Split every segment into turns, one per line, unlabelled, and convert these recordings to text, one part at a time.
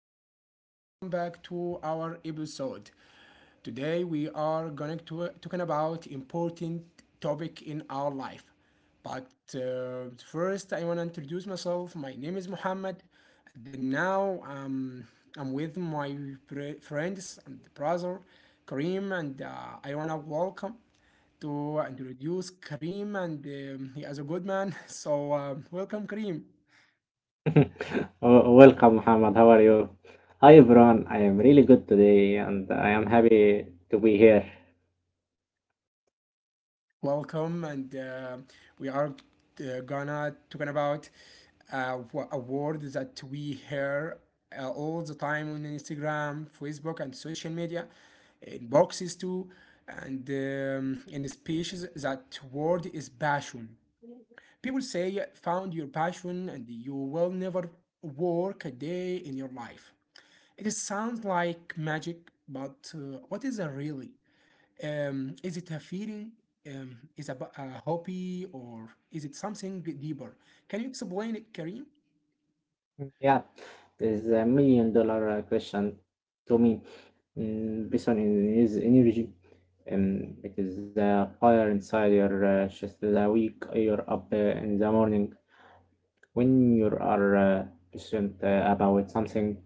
everyone, and welcome back to our episode. Today, we are going to talking about important topic in our life. But first, I want to introduce myself. My name is Muhammad. Then now, I'm with my friends and brother, Kareem, and I want to welcome to introduce Kareem, and he is a good man. So, welcome, Kareem.
Oh, welcome, Muhammad. How are you? Hi, everyone. I am really good today, and I am happy to be here.
Welcome, and we are gonna talking about uh, a word that we hear all the time on Instagram, Facebook, and social media, in boxes too, and in speeches. That word is passion. People say found your passion, and you will never work a day in your life. It sounds like magic, but what is it really? Is it a feeling? Is about a hobby or is it something deeper? Can you explain it, Karim?
Yeah, there's a $1 million question to me, based on his energy. It is the fire inside your chest the week you're up in the morning. When you are patient about something,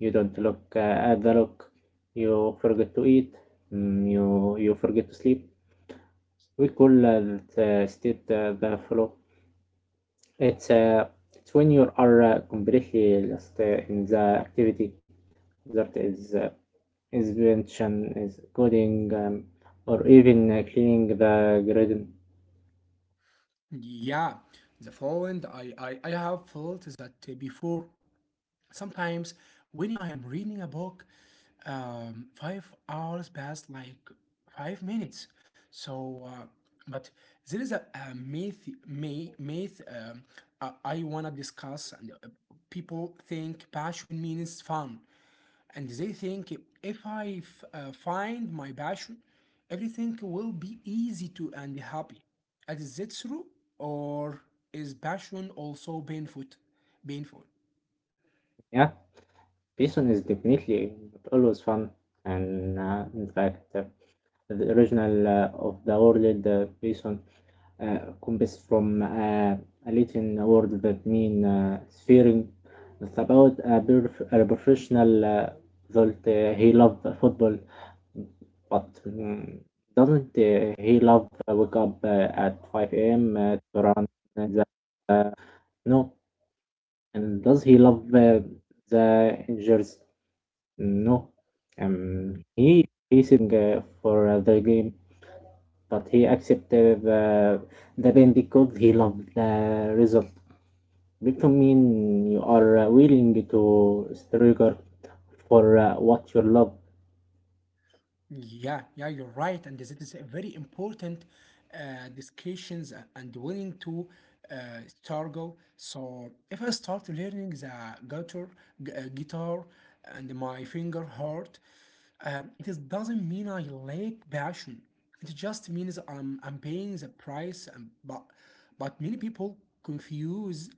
you don't look at the look. You forget to eat. You forget to sleep. We call that state the flow. It's, uh, it's when you are completely lost in the activity that is invention, is coding, or even cleaning the garden.
Yeah, the following I have felt that before sometimes when I am reading a book, 5 hours pass like 5 minutes. So, but there is a myth, I wanna discuss, and people think passion means fun, and they think if I find my passion, everything will be easy to and happy. Is that true, or is passion also painful? Painful.
Yeah, Python is definitely not always fun, and in fact, the original of the word Bison comes from a Latin word that means swearing. It's about a professional that he loved football, but doesn't he love wake up at 5 a.m. To run the no? And does he love the injuries? No. He is for the game. But he accepted the pain because he loved the result. Victim mean you are willing to struggle for what you love.
Yeah, yeah, you're right, and this is a very important discussions and willing to struggle. So if I start learning the guitar, guitar, and my finger hurt, it is doesn't mean I lack passion. It just means I'm paying the price. And, but many people confuse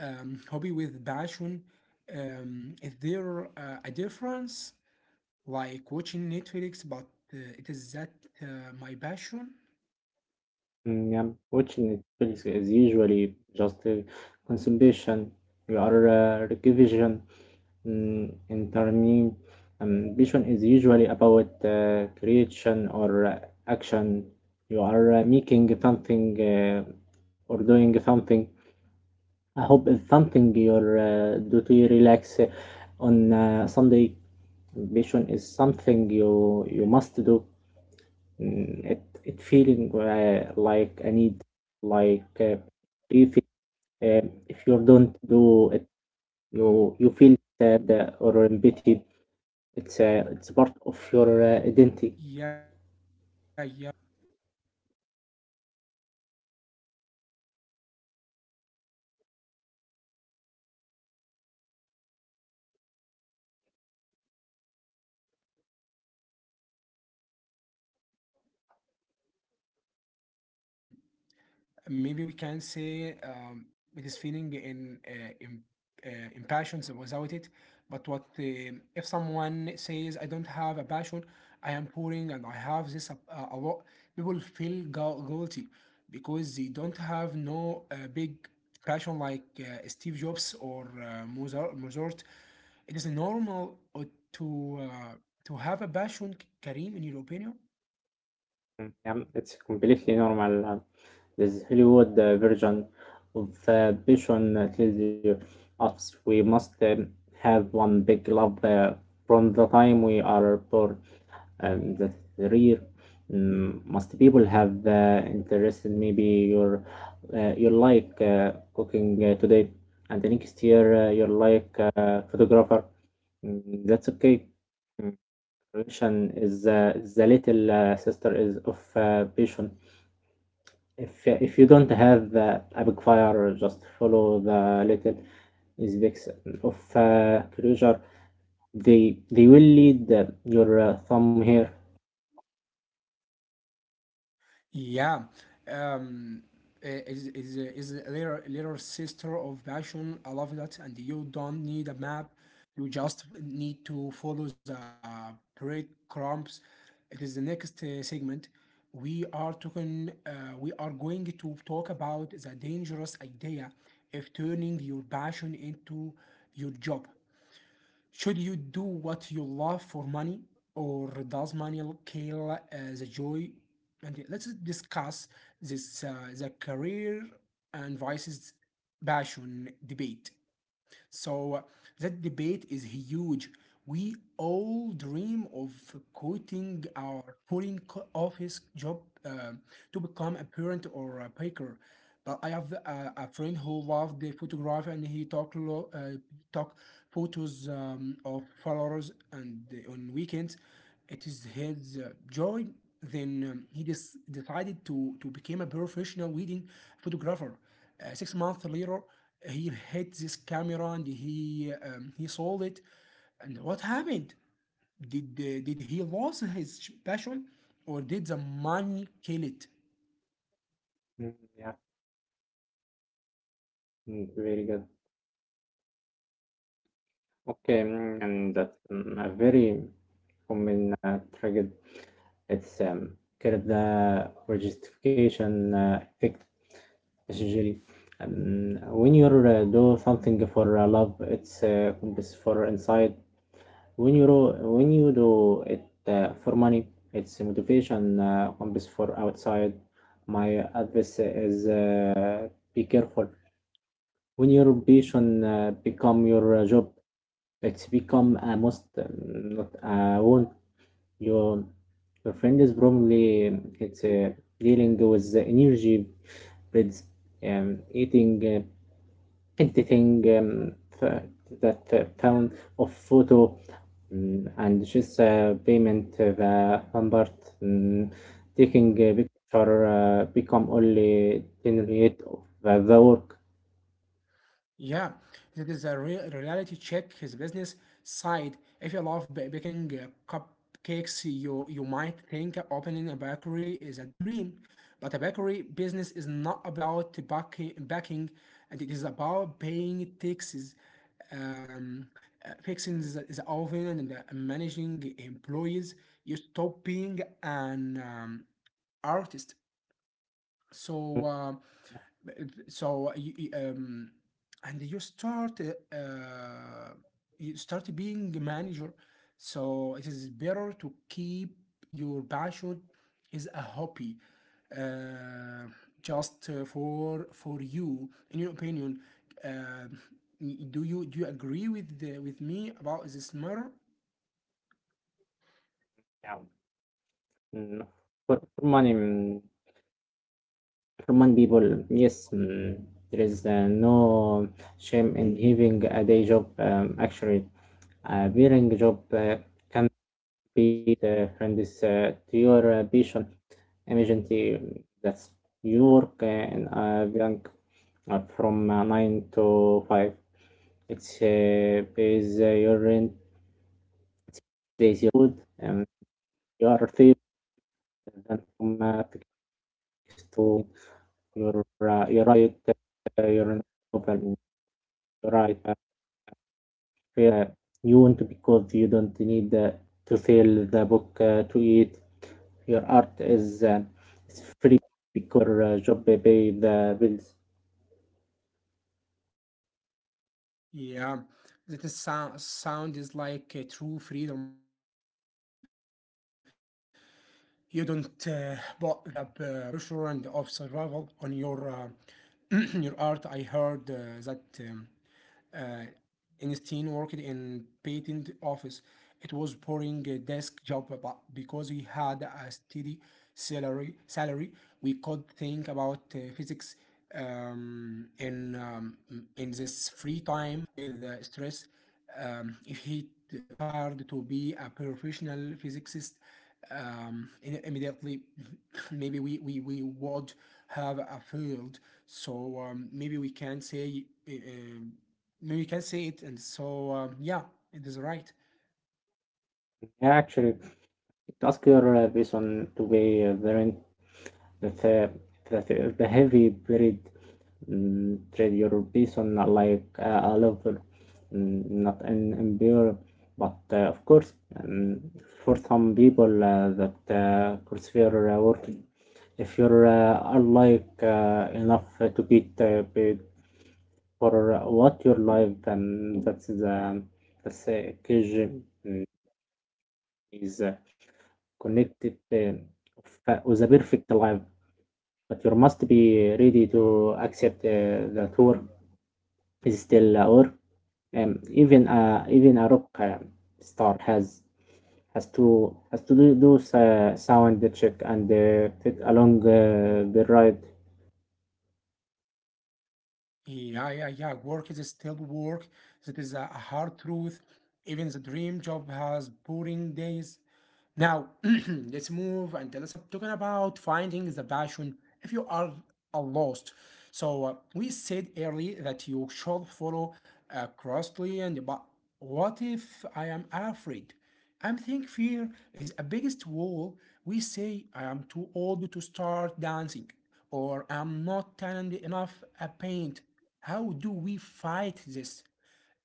hobby with passion. Is there a difference? Like watching Netflix, but it is that my passion.
Which in Netflix is usually just consumption. You are revision. In terms, vision is usually about creation or action. You are making something or doing something. I hope it's something your duty relax on Sunday. Vision is something you must do. It feeling like a need, like if it, if you don't do it, you feel sad or pity. It's part of your identity.
Yeah, yeah, you're right, and that is a great test. Um, um, so, maybe we can say it is feeling in uh, impassions without it. But what if someone says, "I don't have a passion, I am pouring, and I have this a lot," people feel guilty because they don't have no big passion like Steve Jobs or Mozart. It is normal to uh, to have a passion, Kareem, in your opinion?
Yeah, it's completely normal. Um, this Hollywood version of passion tells you us we must have one big love from the time we are born. The career, most people have interested. Maybe you're you like cooking today, and the next year you're like photographer. Mm, that's okay. Mm, Preparation is the little sister is of patience. If you don't have a big fire, just follow the little aspects of closure. They will lead your thumb here.
Yeah, um, is is a little sister of passion. I love that, and you don't need a map. You just need to follow the breadcrumbs. It is the next segment. We are talking. We are going to talk about the dangerous idea of turning your passion into your job. Should you do what you love for money, or does money kill the joy? And let's discuss this the career and vices passion debate. So that debate is huge. We all dream of quitting our pulling office job to become a parent or a baker. But I have a friend who loved the photography and he took photos of flowers and on weekends. It is his joy. Then he decided to become a professional wedding photographer. 6 months later, he hit this camera and he sold it. And what happened, did he lose his passion or did the money kill it?
Mm, yeah, very good. Okay, and that's a very common trigger. It's kind of the regisification effect. Yes, usually. When you do something for love, it's compass for inside. When you do it for money, it's motivation compass for outside. My advice is be careful. When your passion become your job, it's become a must, not a want. Your your friend is probably it's dealing with the energy, breads, eating. Editing th- that pound of photo, and just payment the number, mm, taking a picture become only 10 rate of the work.
Yeah, it is a real reality check his business side. If you love baking cupcakes, you might think opening a bakery is a dream, but a bakery business is not about backing and it is about paying taxes, um, fixing the oven and managing employees. You stop being an artist, so, um, so y- y- um, and you start being a manager. So it is better to keep your passion is a hobby, uh, just for you. In your opinion, uh, do you agree with with me about this matter?
Yeah. Mm, for, for money mm, for money people, yes, there is no shame in having a day job, actually a bearing job can be the friend is to your passion emergency, that's your and blank from 9 to 5. It's pays your rent, pays your food, and your fee, then from to your right, your novel, your right. Uh, you want to because you don't need to sell the book to eat. Your art is it's free because your job pay the bills.
Yeah, that is sound is like a true freedom. You don't put the pressure and of survival on your your art. I heard that Einstein worked in patent office. It was boring desk job, but because we had a steady salary, we could think about physics um, in um, in this free time with stress. If he tired to be a professional physicist, immediately maybe we would have a field. So, maybe we can say no, you can say it, and yeah, it is right.
Yeah, actually, ask your vision to be variant that the heavy period, trade your person like a lover, not an empire, but of course, um, for some people that crucifer work, if you're are like enough to get paid for what your life, and that's the that's cage, mm, is connected with a perfect life, but you must be ready to accept the tour is still a hour. Even even a rock star has has to do, sound check and fit along the ride.
Yeah, yeah, yeah. Work is still work. That is a hard truth. Even the dream job has boring days. Now, let's move and let's talking about finding the passion if you are lost. So, we said early that you should follow closely, and but what if I am afraid? I think fear is a biggest wall. We say I am too old to start dancing, or I'm not talented enough at paint. How do we fight this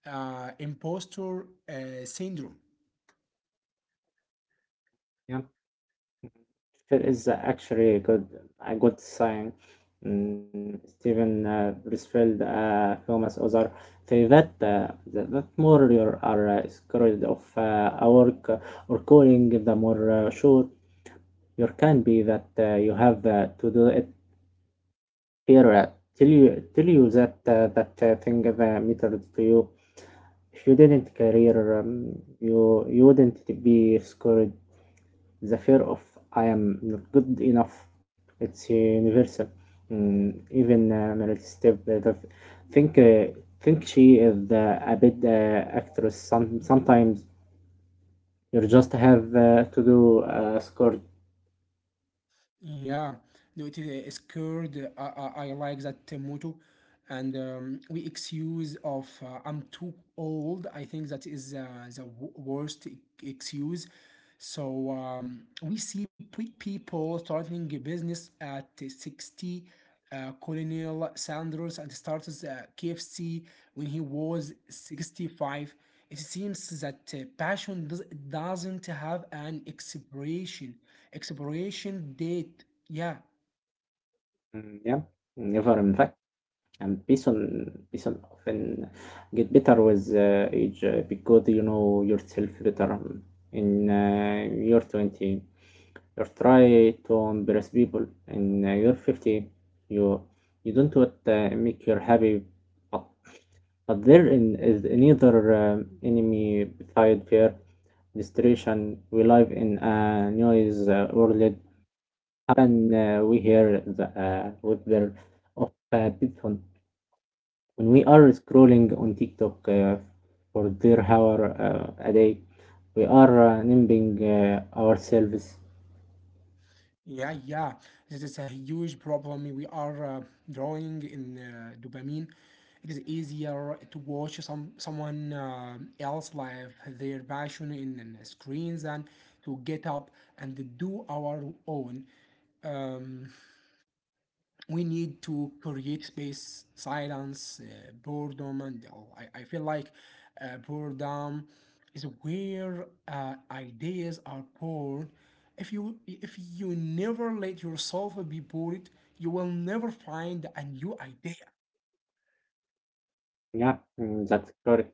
imposter syndrome?
Yeah. Fear is actually a good sign. Steven Pressfield, famous author, say that that more you are scared of a work or calling, the more sure you can be that you have to do it. Fear tell you that thing that matters to you. If you didn't career, you wouldn't be scared. The fear of I am not good enough. It's universal. Even Meryl Streep think uh, think she is a bit actress. Some, sometimes you just have to do a score.
Yeah, no, it is scared. I like that motto. And we excuse of I'm too old. I think that is the worst excuse. So, we see pe people starting a business at 60, Colonel Sanders and started KFC when he was 65. It seems that passion doesn't have an expiration date. Yeah,
Yeah, never in fact. And Bison often get better with age because you know yourself better in your 20, or try to impress people, and you're 50, you don't what make you happy, but, but there in, is neither enemy beside fear distraction. We live in a noise world, and we hear the whisper of people when we are scrolling on tiktok for their hour a day, we are nimbling ourselves.
yeah, yeah. This is a huge problem. We are drawing in dopamine. It is easier to watch someone else live their passion in the screens than to get up and do our own. Um, we need to create space, silence, boredom, and oh, I feel like boredom is where ideas are born. If you never let yourself be bored, you will never find a new idea.
Yeah, that's correct.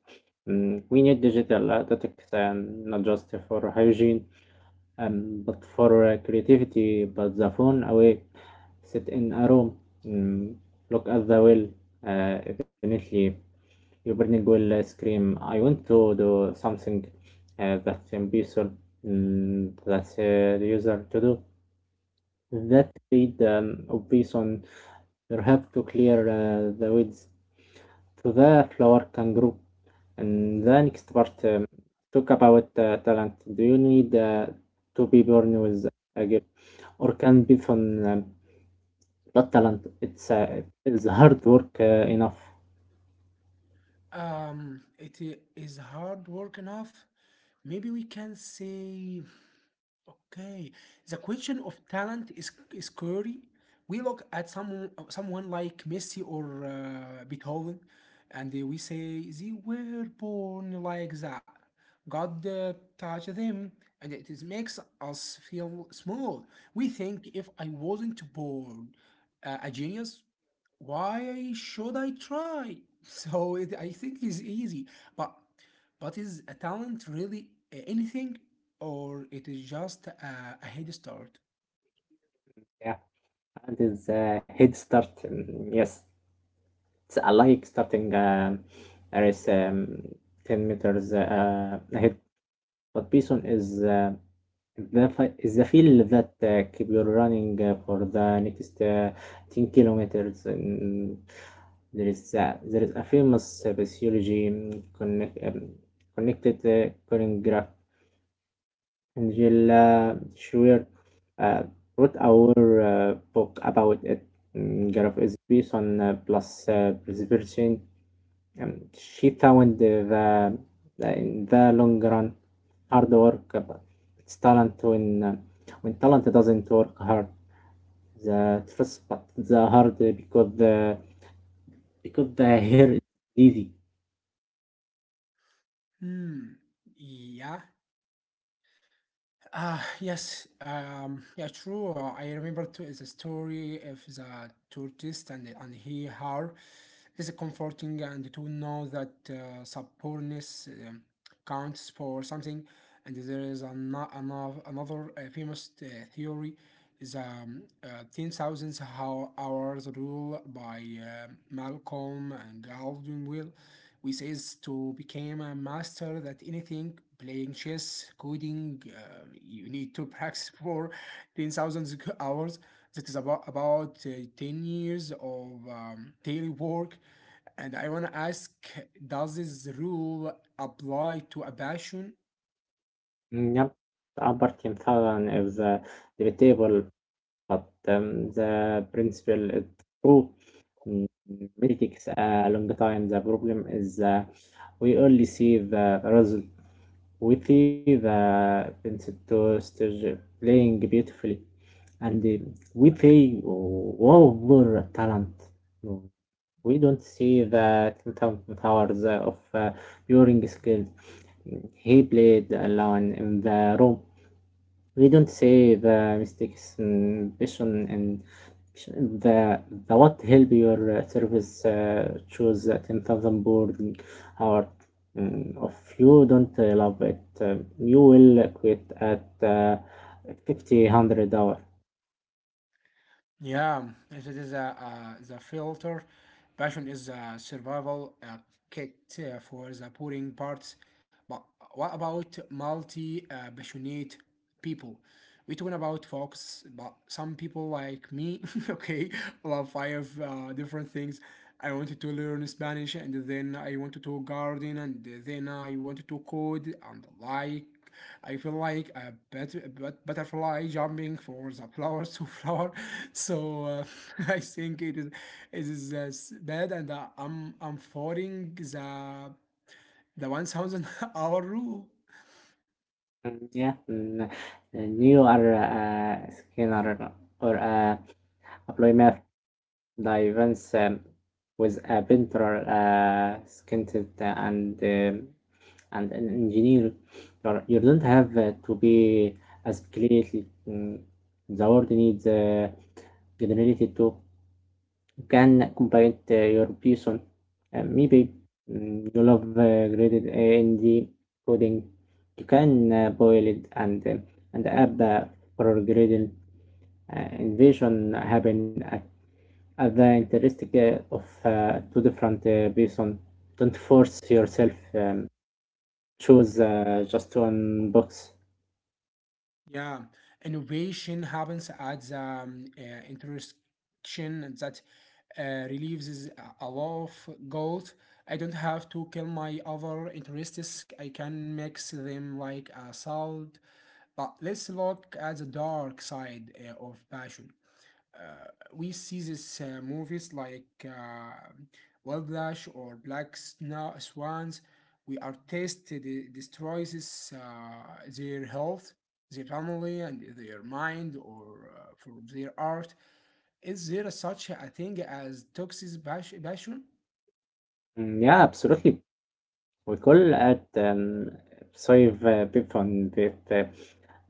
We need digital aesthetics and not just for hygiene, but for creativity. But the phone away, sit in a room, mm, look at the well. Eventually, your brain will scream, "I want to do something that's ambitious, that's the user to do." That need obvious on you have to clear the weeds to the flower kangaroo. And the next part, talk about talent. Do you need to be born with a gift, or can be from, um, but talent? It's hard work enough.
It is hard work enough. Maybe we can say okay, the question of talent is scary. We look at someone like Messi or Beethoven, and we say they were born like that. God touched them, and it is makes us feel small. We think if I wasn't born a genius, why should I try? So it, I think it's easy, but but is a talent really anything, or it is just a head start?
Yeah, and it's a head start. Yes, it's a like starting a race 10 meters ahead. But Bison is is the field that keep you running for the next 10 kilometers. There is a, there is a famous physiology, connected choreograph, Angela Schwer, uh, wrote our book about it. Graph is based on plus perception. She found the in the long run hard work, but it's talent when talent doesn't work hard. The first but the hard because the hair is easy.
Hmm. Yeah, ah, yes. Yeah, true. I remember too is a story of the tourist and he her. It is comforting and to know that supportness counts for something. And there is another famous theory is 10,000 hours rule by Malcolm and Gladwell we says to become a master that anything playing chess coding, you need to practice for 10,000 hours, that is about 10 years of daily work. And I want to ask, does this rule apply to a passion?
Yep, the upper 10,000 is debatable, but the principle is true. Mm, It takes a long time. The problem is we only see the result. Witty, the Pincettosters playing beautifully, and with a wow talent. No, we don't see the 10,000 hours of during skills. He played alone in the room, we don't say the mistakes and passion, and the the what help your service choose a 10,000 board hour. If you don't love it, you will quit at 5,000 hour.
Yeah, it is the filter. Passion is a survival kit for the boring parts. But what about multi passionate people? We talking about folks, but some people like me, okay, love five different things. I wanted to learn Spanish, and then I wanted to garden, and then I wanted to code, and like I feel like a butterfly jumping for the flower to flower. So I think it is bad, and I'm following the 1,000 hour rule.
Yeah, and you are a scanner or a employee. The events, with a painter, a scientist, and an engineer. You're, or you do not have to be as creative. The world needs generality to can complete your piece on, maybe, you love graded A and D coding. You can boil it and add for grading invasion happen at the interesting of two different person. Don't force yourself. Choose just one box.
Yeah, innovation happens at the intersection that relieves a lot of guilt. I don't have to kill my other interests. I can mix them like a salad. But let's look at the dark side of passion. uh, we see this movies like Whiplash or Black Swans. We are tested destroys this, their health, their family, and their mind, or for their art. Is there such a thing as toxic passion?
Yeah, absolutely. We call it save Python with uh,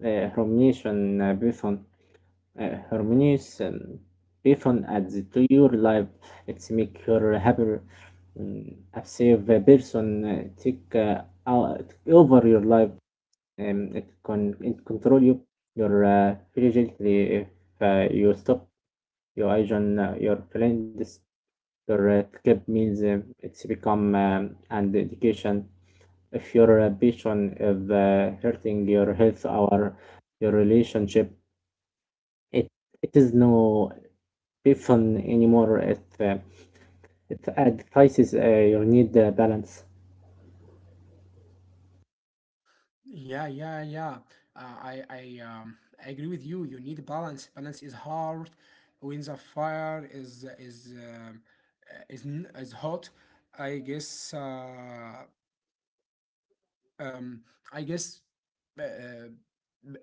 uh, Harmoniation Python. Harmonious Python adds to your life. It's make your happier, a safe person take out- over your life. It can it control you your diligently if you stop your agent, your friends, your skip means it's become an education. If your passion is hurting your health or your relationship, it it is no passion anymore. It advises you need balance.
Yeah, yeah, yeah. Uh, I I um I agree with you. You need balance. Balance is hard. When the fire is hot, I guess uh, um, I guess uh, uh,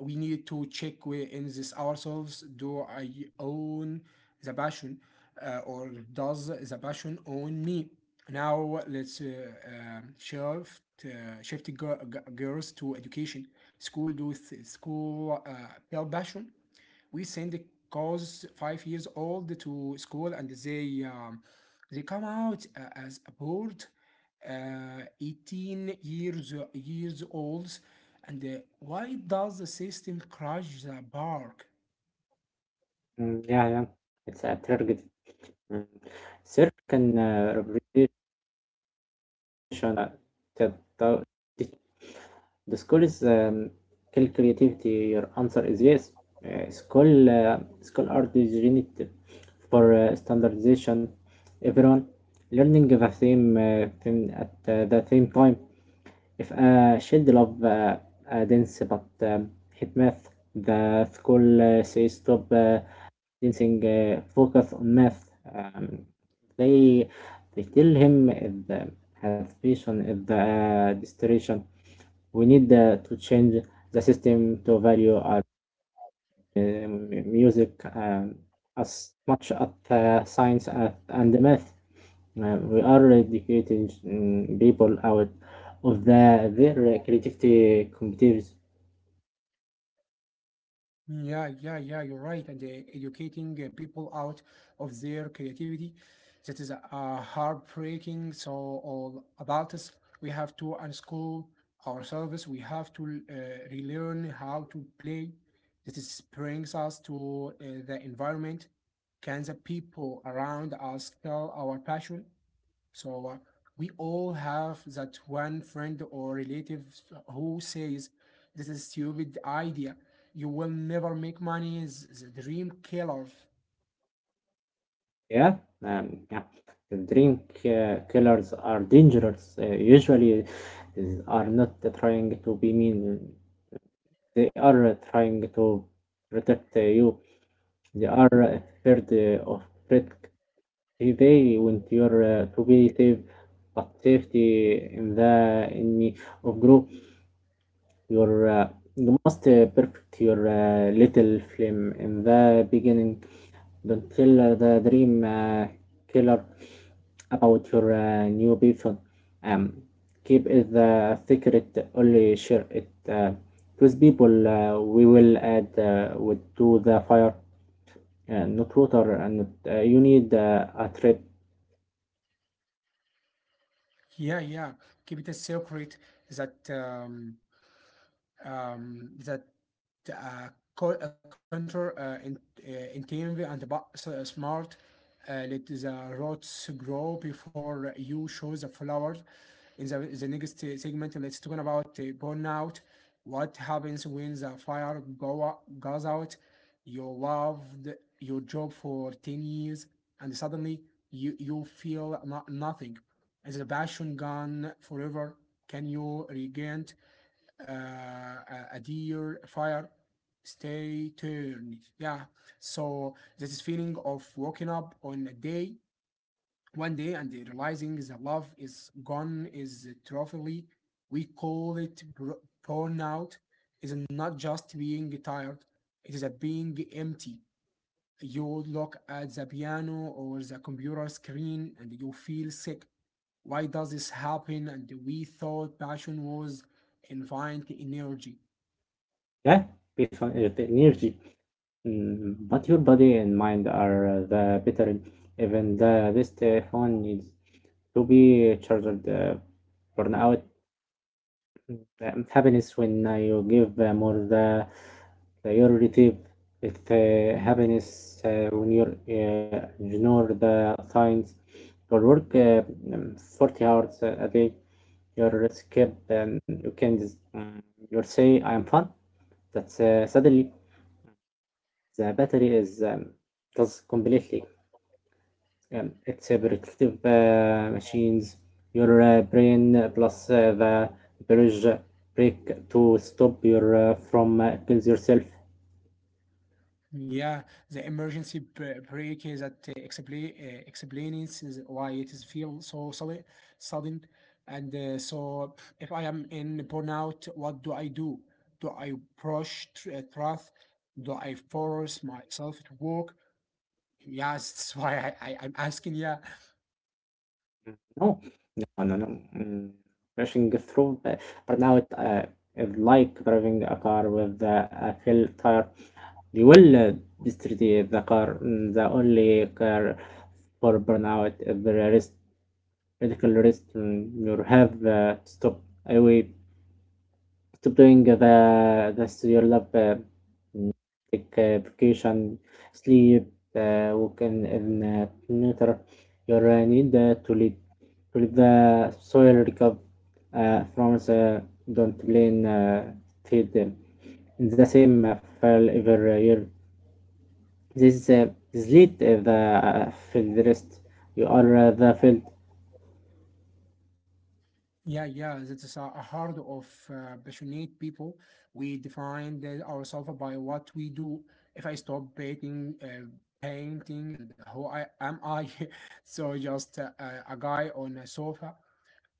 we need to check within this ourselves. Do I own the passion, or does the passion own me? Now let's shift girls to education. School do school tell passion, we send the kids 5 years old to school and they come out as a board 18 years olds, and why does the system crush the bark?
Mm, yeah, yeah, it's a target. Mm. Circle can represent uh, the, the school is kill creativity. Your answer is yes. School are designed for standardization. Everyone learning the same thing at the same time. If a child love dance but hate math, the school says stop. Teaching focus on math. They they tell him if the aspiration, if the distraction, we need to change the system to value our uh, music as much as science and math. We are educating people out of their creativity competitives.
Yeah, yeah, yeah, you're right. And educating people out of their creativity, that is heartbreaking. So all about us, we have to unschool ourselves. We have to relearn how to play. That is brings us to the environment. Can the people around us tell our passion? So we all have that one friend or relative who says, "This is stupid idea. You will never make money. It's a dream killer."
Yeah, yeah. The drink killers are dangerous. Usually, is, are not trying to be mean. They are trying to protect you. They are afraid of risk. They want you to be safe, but safety in the enemy of group. Your uh, you must perfect your little film in the beginning. Don't tell the dream killer about your new Python. Um, Keep it the secret. Only share it with people. We will add with to the fire. Not water and not, you need a trip.
Yeah, yeah. Keep it a secret. That um, that uh, counter intuitive and smart. Let the roots grow before you show the flowers. In the next segment, let's talk about burnout. What happens when the fire goes out? You loved your job for 10 years and suddenly you feel nothing. Is the passion gone forever? Can you regain uh, a deer a fire stay turned, yeah. So this is feeling of waking up on a day one day and realizing the love is gone is trophy. We call it burnout. Is not just being tired, it is a being empty. You look at the piano or the computer screen and you feel sick. Why does this happen, and we thought passion was infinite energy.
Yeah, Python is the energy. But your body and mind are the battery. Even the best phone needs to be charged. Burnout happiness when you give more the you receive it, happiness when you ignore the signs. Your work 40 hours a day. Your skip and you can just, you say I am fun. That's suddenly the battery is does completely. It's a protective machines. Your brain plus the bridge break to stop your from kills yourself.
Yeah, the emergency brake is that explains is why it is feel so sudden, and so if I am in burnout, what do I do? Do I brush truth? Do I force myself to work? Yes, that's why I'm asking. Yeah.
No, no. Rushing through, but now it is like driving a car with the a full tire. You will destroy the car. Mm, the only car for burnout is the rest, medical rest, and you have to stop. I will stop doing the this your love like vacation, sleep, work in nature. Your need to lead the soil recover from the. Don't lean, feed them in the same file every year. this uh, this lead the field rest. You are the field.
Yeah, yeah, that is a heart of passionate people. We define that ourselves by what we do. If I stop painting, and who I am I? So just a guy on a sofa.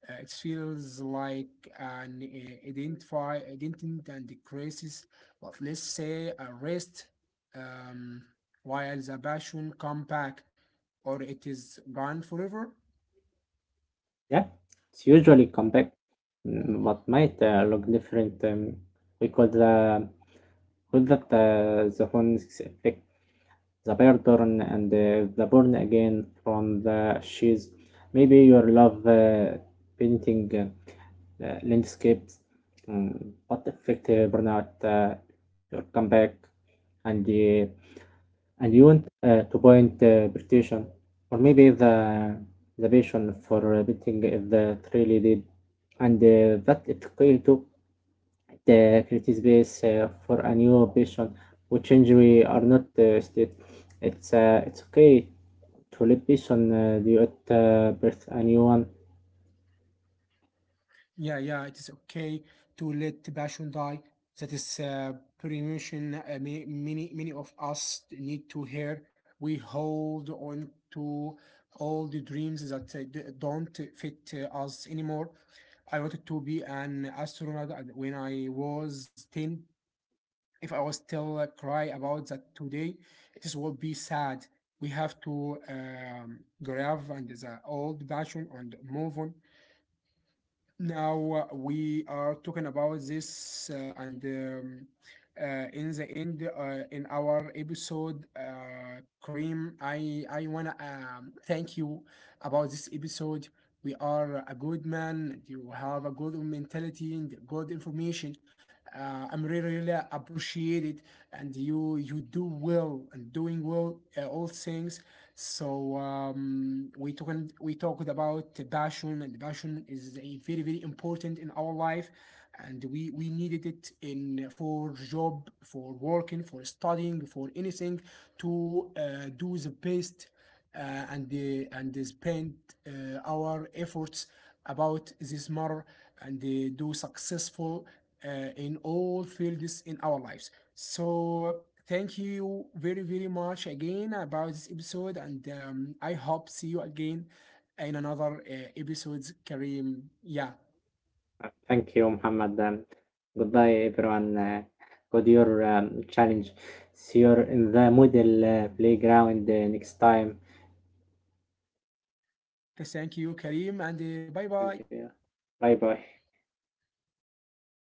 It feels like an identity and the crisis. But let's say a rest, um, while the passion come back, or it is gone forever.
Yeah, it's usually compact, but might look different. We call the Call that the Phoenix effect, the bear burn and the burn again from the sheaves. Maybe your love painting landscapes, but effect burnout your comeback and uh, and you want to point presentation. Or maybe the passion for painting is the really deep, and that it failed to the creative base for a new patient which injury are not state. It's okay to let patient do it birth a new one.
Yeah, yeah, it is okay to let the passion die. That is premonition. Many, many, many of us need to hear. We hold on to all the dreams that don't fit us anymore. I wanted to be an astronaut and when I was ten. If I was still cry about that today, it is will be sad. We have to grab and the old passion and move on. Now we are talking about this and in the end in our episode Kareem, I wanna thank you about this episode. We are a good man and you have a good mentality and good information. Uh, I'm really really appreciated, and you do well and doing well all things. So we talked about the passion, and passion is a very very important in our life, and we needed it in for job, for working, for studying, for anything to do the best, and and spend our efforts about this matter, and do successful uh, in all fields in our lives. So thank you very very much again about this episode, and I hope see you again in another episodes, Kareem. Yeah,
Thank you, Muhammad. Goodbye, everyone. Good your challenge. See you in the model playground next time.
thank you, Kareem, and bye
Thank
bye.
you. Bye bye.